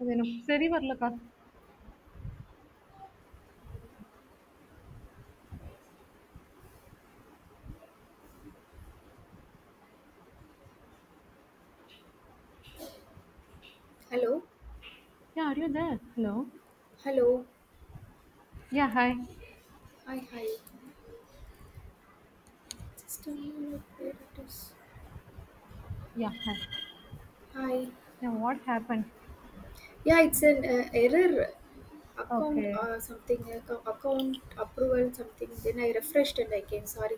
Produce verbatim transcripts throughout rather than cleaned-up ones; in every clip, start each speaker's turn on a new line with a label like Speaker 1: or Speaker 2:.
Speaker 1: ಅದೇನು ಸರಿ ಬರ್ಲ ಕಾಲ್
Speaker 2: Hello,
Speaker 1: Yeah, are you there? Hello?
Speaker 2: hello,
Speaker 1: Yeah, hi.
Speaker 2: hi, hi. Just tell me like where it is.
Speaker 1: Yeah, hi.
Speaker 2: Hi.
Speaker 1: Yeah, what happened?
Speaker 2: Yeah, it's an uh, error account
Speaker 1: Okay.
Speaker 2: or something. Account, account approval something. Then I refreshed and I came. Sorry.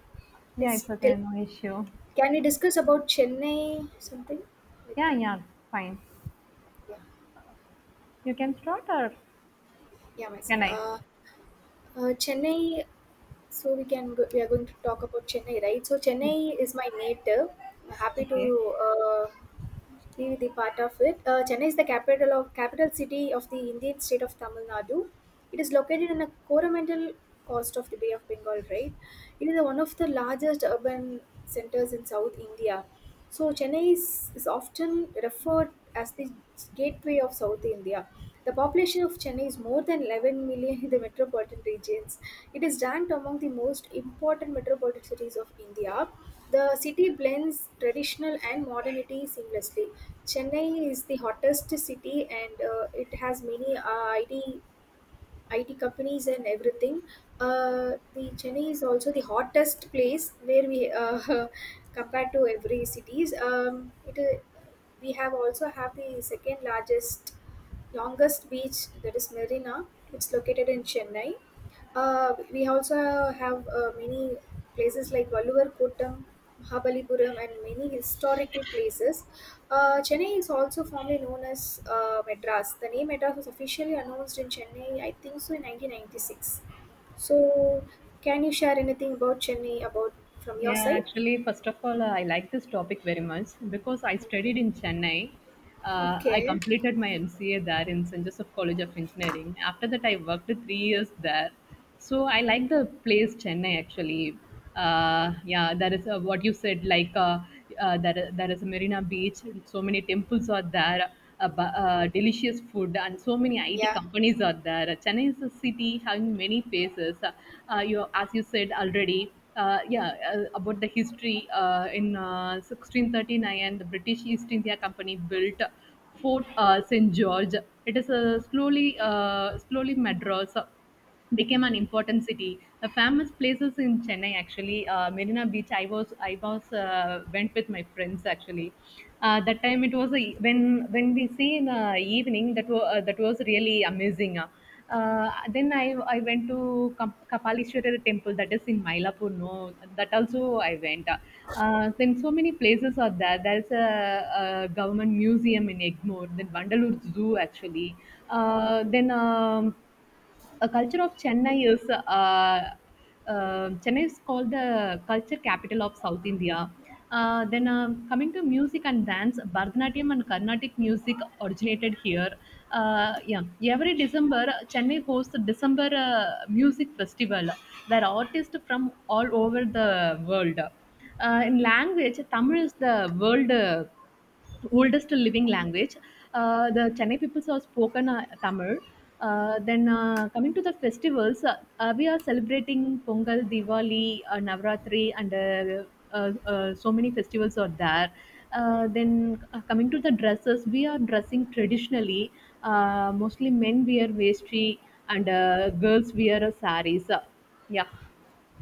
Speaker 1: Yeah,
Speaker 2: Yes.
Speaker 1: it's
Speaker 2: Tell.
Speaker 1: okay, no issue.
Speaker 2: Can we discuss about Chennai something like
Speaker 1: Yeah,
Speaker 2: that?
Speaker 1: yeah, fine.
Speaker 2: Yeah.
Speaker 1: You can start or
Speaker 2: Yeah, myself.
Speaker 1: can I?
Speaker 2: Uh, uh, Chennai. So we can go, we are going to talk about Chennai, right? So
Speaker 1: Yeah.
Speaker 2: Chennai is my native. I'm happy to
Speaker 1: Okay.
Speaker 2: uh, be the part of it. Uh, Chennai is the capital of capital city of the Indian state of Tamil Nadu. It is located in a coromandel coast of the Bay of Bengal, right? It is one of the largest urban centers in South India. So Chennai is, is often referred as the gateway of South India. The population of Chennai is more than eleven million in the metropolitan regions. It is ranked among the most important metropolitan cities of India. The city blends traditional and modernity seamlessly. Chennai is the hottest city, and uh, it has many uh, I T I T companies and everything. Uh, the Chennai is also the hottest place where we uh, compared to every cities. Um, it uh, we have also have the second largest longest beach that is Marina. It's located in Chennai. Uh, we also have uh, many places like Valluvar Kottam, Mahabalipuram, and many historical places. Uh, Chennai is also formerly known as uh, Madras. The name Madras was officially announced in Chennai, I think so, in nineteen ninety-six. So, can you share anything about Chennai about from your
Speaker 1: Yeah,
Speaker 2: side?
Speaker 1: actually, first of all, uh, I like this topic very much because I studied in Chennai. Uh, Uh, I
Speaker 2: Okay.
Speaker 1: completed my M C A there in Saint Joseph College of Engineering. After that, I worked three years there. So I like the place Chennai actually. Uh, yeah, there is uh what you said, like uh, uh, there, there is a Marina Beach, so many temples are there, uh, bu- uh, delicious food, and so many I T
Speaker 2: Yeah.
Speaker 1: companies are there. Chennai is a city having many faces. Uh, uh, you, as you said already, uh, yeah, uh, about the history uh, in uh, sixteen thirty-nine, the British East India Company built Fort uh, Saint George. It is a slowly, uh, slowly Madras became an important city. Uh, famous places in Chennai actually, uh, Marina Beach. I was I was uh, went with my friends actually. Uh, that time it was a, when when we see in the evening that was uh, that was really amazing. Uh, uh, then I I went to Kap- Kapalishwarar temple that is in Mylapore. No, that also I went. Uh, then so many places are there. There's a, a government museum in Egmore. Then Vandalur Zoo actually. Uh, then. Um, a culture of Chennai is uh, uh, Chennai is called the culture capital of South India. Uh, then, uh, coming to music and dance, Bharatanatyam and Carnatic music originated here. Uh, yeah, every December Chennai hosts the December uh, music festival where artists from all over the world. Uh, in language, Tamil is the world. Uh, oldest living language. Uh, the Chennai people have spoken uh, Tamil. Uh, then, uh, coming to the festivals, uh, uh, we are celebrating Pongal, Diwali, uh, Navratri, and uh, uh, uh, so many festivals are there. Uh, then, uh, coming to the dresses, we are dressing traditionally. Uh, mostly men wear vestry and uh, girls wear uh, saris. Uh, yeah,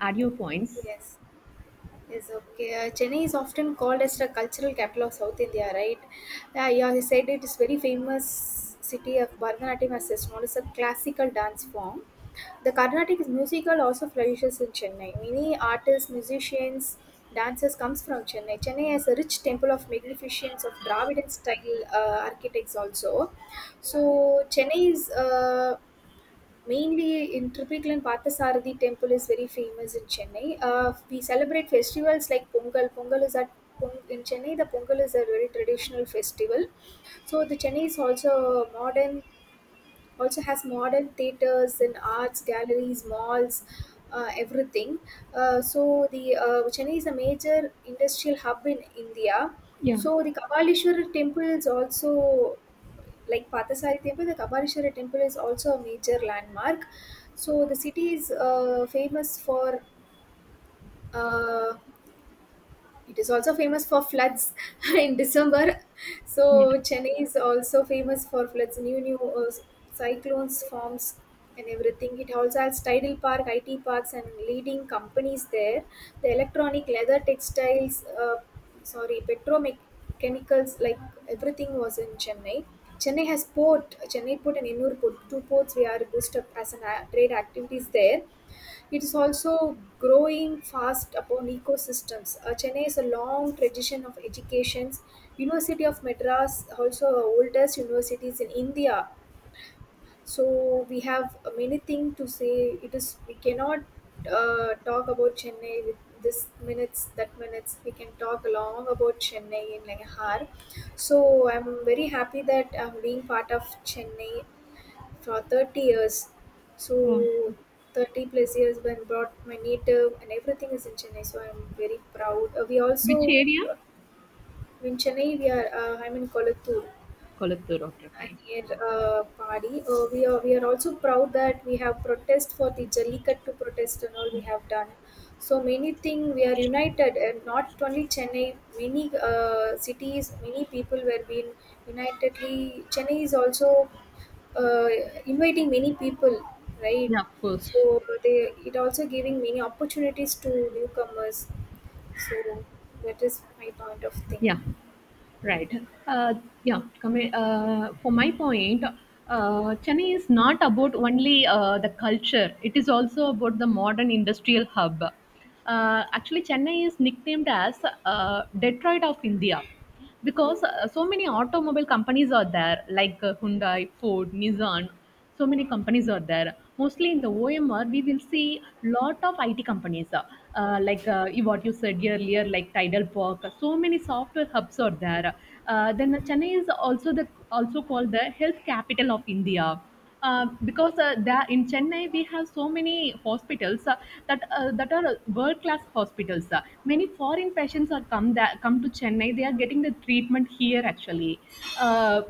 Speaker 1: add your points.
Speaker 2: Yes. Yes, okay. Uh, Chennai is often called as the cultural capital of South India, right? Uh, yeah, he said it is very famous city of Bharatanatyam as it's known as a classical dance form. The Carnatic musical also flourishes in Chennai. Many artists, musicians, dancers comes from Chennai. Chennai has a rich temple of magnificence of Dravidian style uh, architects also. So Chennai is uh, mainly in Trippikel and Parthasarathi temple is very famous in Chennai. Uh, we celebrate festivals like Pongal. Pongal is at Pong- in Chennai, the Pongal is a very traditional festival. So the Chennai is also modern also has modern theaters and arts galleries malls uh, everything. Uh, so the uh, chennai is a major industrial hub in india.
Speaker 1: Yeah.
Speaker 2: So the kabalishwara temple is also like pathasari temple, the kabalishwara temple is also a major landmark. So the city is uh, famous for uh, it is also famous for floods in December. So
Speaker 1: Yeah.
Speaker 2: Chennai is also famous for floods, new new uh, cyclones forms and everything. It also has tidal park, I T parks, and leading companies there. The electronic, leather, textiles, uh, sorry, petrochemicals, like everything was in Chennai. Chennai has port, Chennai port and Ennur port, two ports we are boosted up as an a- trade activities there. It is also growing fast upon ecosystems. Uh, Chennai is a long tradition of educations. University of Madras, also the oldest universities in India. So we have many things to say. It is we cannot uh, talk about Chennai with this minutes, that minutes. We can talk long about Chennai in like an hour. So I'm very happy that I'm being part of Chennai for thirty years.
Speaker 1: Oh.
Speaker 2: So thirty plus years when brought my native and everything is in Chennai. So I'm very proud. Uh, we
Speaker 1: Which
Speaker 2: also
Speaker 1: area?
Speaker 2: in Chennai we are uh, I'm in Kolattur
Speaker 1: Kolathur. Okay,
Speaker 2: and
Speaker 1: fine.
Speaker 2: near uh, Padi. Uh, we are we are also proud that we have protest for the Jallikattu protest and all we have done. So many thing we are united, and not only Chennai, many uh, cities, many people were being unitedly. Chennai is also uh, inviting many people, right?
Speaker 1: Yeah, of course.
Speaker 2: So they it also giving many opportunities to newcomers. So that is my point of thing.
Speaker 1: Yeah, right. Uh, yeah, come in, uh, for my point, uh, Chennai is not about only uh, the culture, it is also about the modern industrial hub. Uh, actually, Chennai is nicknamed as uh, Detroit of India because uh, so many automobile companies are there, like uh, Hyundai, Ford, Nissan. So many companies are there. Mostly in the O M R, we will see lot of I T companies, uh, uh, like uh, you- what you said earlier, like Tidal Park. So many software hubs are there. Uh, then Chennai is also the also called the health capital of India. Uh, because uh, there in Chennai we have so many hospitals uh, that uh, that are world class hospitals. Uh, many foreign patients are come that come to Chennai. They are getting the treatment here actually. Uh,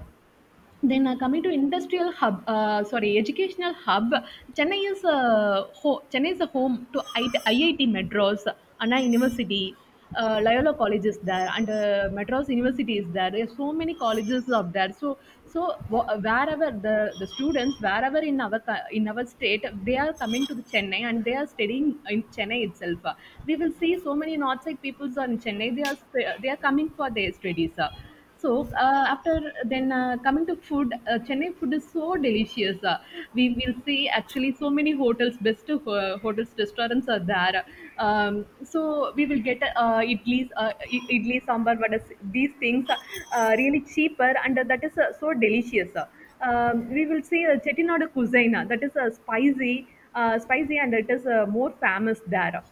Speaker 1: then, uh, coming to industrial hub, uh, sorry, educational hub, Chennai is a ho- Chennai is a home to I- T I I T Madras, Anna University, uh, Loyola College is there, and uh, Madras University is there. There are so many colleges up there. So so wh- wherever the, the students wherever in our co- in our state they are coming to the Chennai and they are studying in Chennai itself. Uh, We will see so many outside peoples on Chennai. They are st- they are coming for their studies. Uh, so, uh, after then, uh, coming to food, uh, Chennai food is so delicious. Uh, we will see actually so many hotels, best of, uh, hotels, restaurants are there. Um, so we will get uh, idlis, uh, i- idli, sambar, what is these things uh, uh, really cheaper and that is uh, so delicious. uh. Um, we will see uh, Chettinad cuisine uh, that is uh, spicy, uh, spicy and it is uh, more famous there.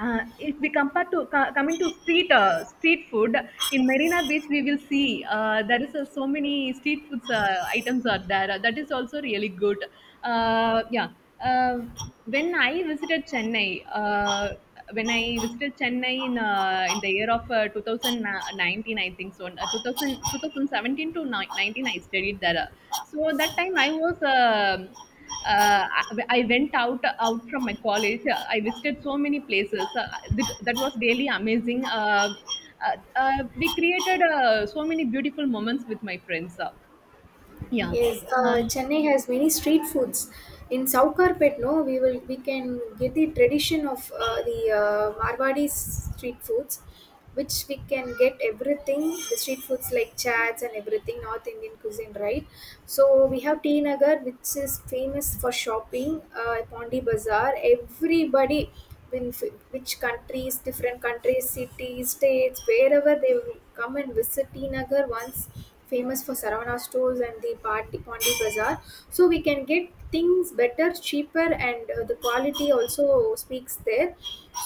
Speaker 1: Uh, if we compare to co- coming to street uh, street food in Marina Beach, we will see uh, there is uh, so many street foods uh, items are there. Uh, that is also really good. Uh, yeah. Uh, when I visited Chennai, uh, when I visited Chennai in uh, in the year of uh, twenty nineteen, I think so, uh, two thousand, to ni- nineteen, I studied there. So that time I was. Um uh, I, I went out out from my college. Uh, I visited so many places. Uh, that, that was really amazing. Uh, uh, uh, we created uh, so many beautiful moments with my friends. Uh, yeah,
Speaker 2: Yes, uh, Chennai has many street foods. In Savukarpet, no, we will we can get the tradition of uh, the uh, Marwadi street foods, which we can get everything the street foods like chats and everything North Indian cuisine, right? So we have T Nagar, which is famous for shopping. Uh, Pondi Bazaar, everybody when f- which countries, different countries, cities, states, wherever they will come and visit Tinagar once famous for Saravana stores and the Pandi, Pandi Bazaar. So we can get things better, cheaper and uh, the quality also speaks there.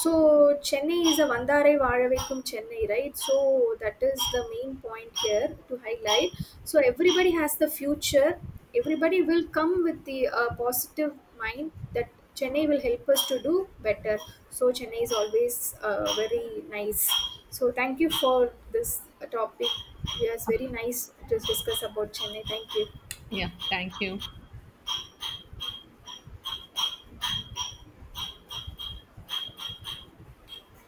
Speaker 2: So Chennai is a Vandare Vazhavaikum Chennai, right? So that is the main point here to highlight. So everybody has the future. Everybody will come with the uh, positive mind that Chennai will help us to do better. So Chennai is always uh, very nice. So thank you for this uh, topic. It was very nice to discuss about Chennai. Thank you.
Speaker 1: yeah. Thank you.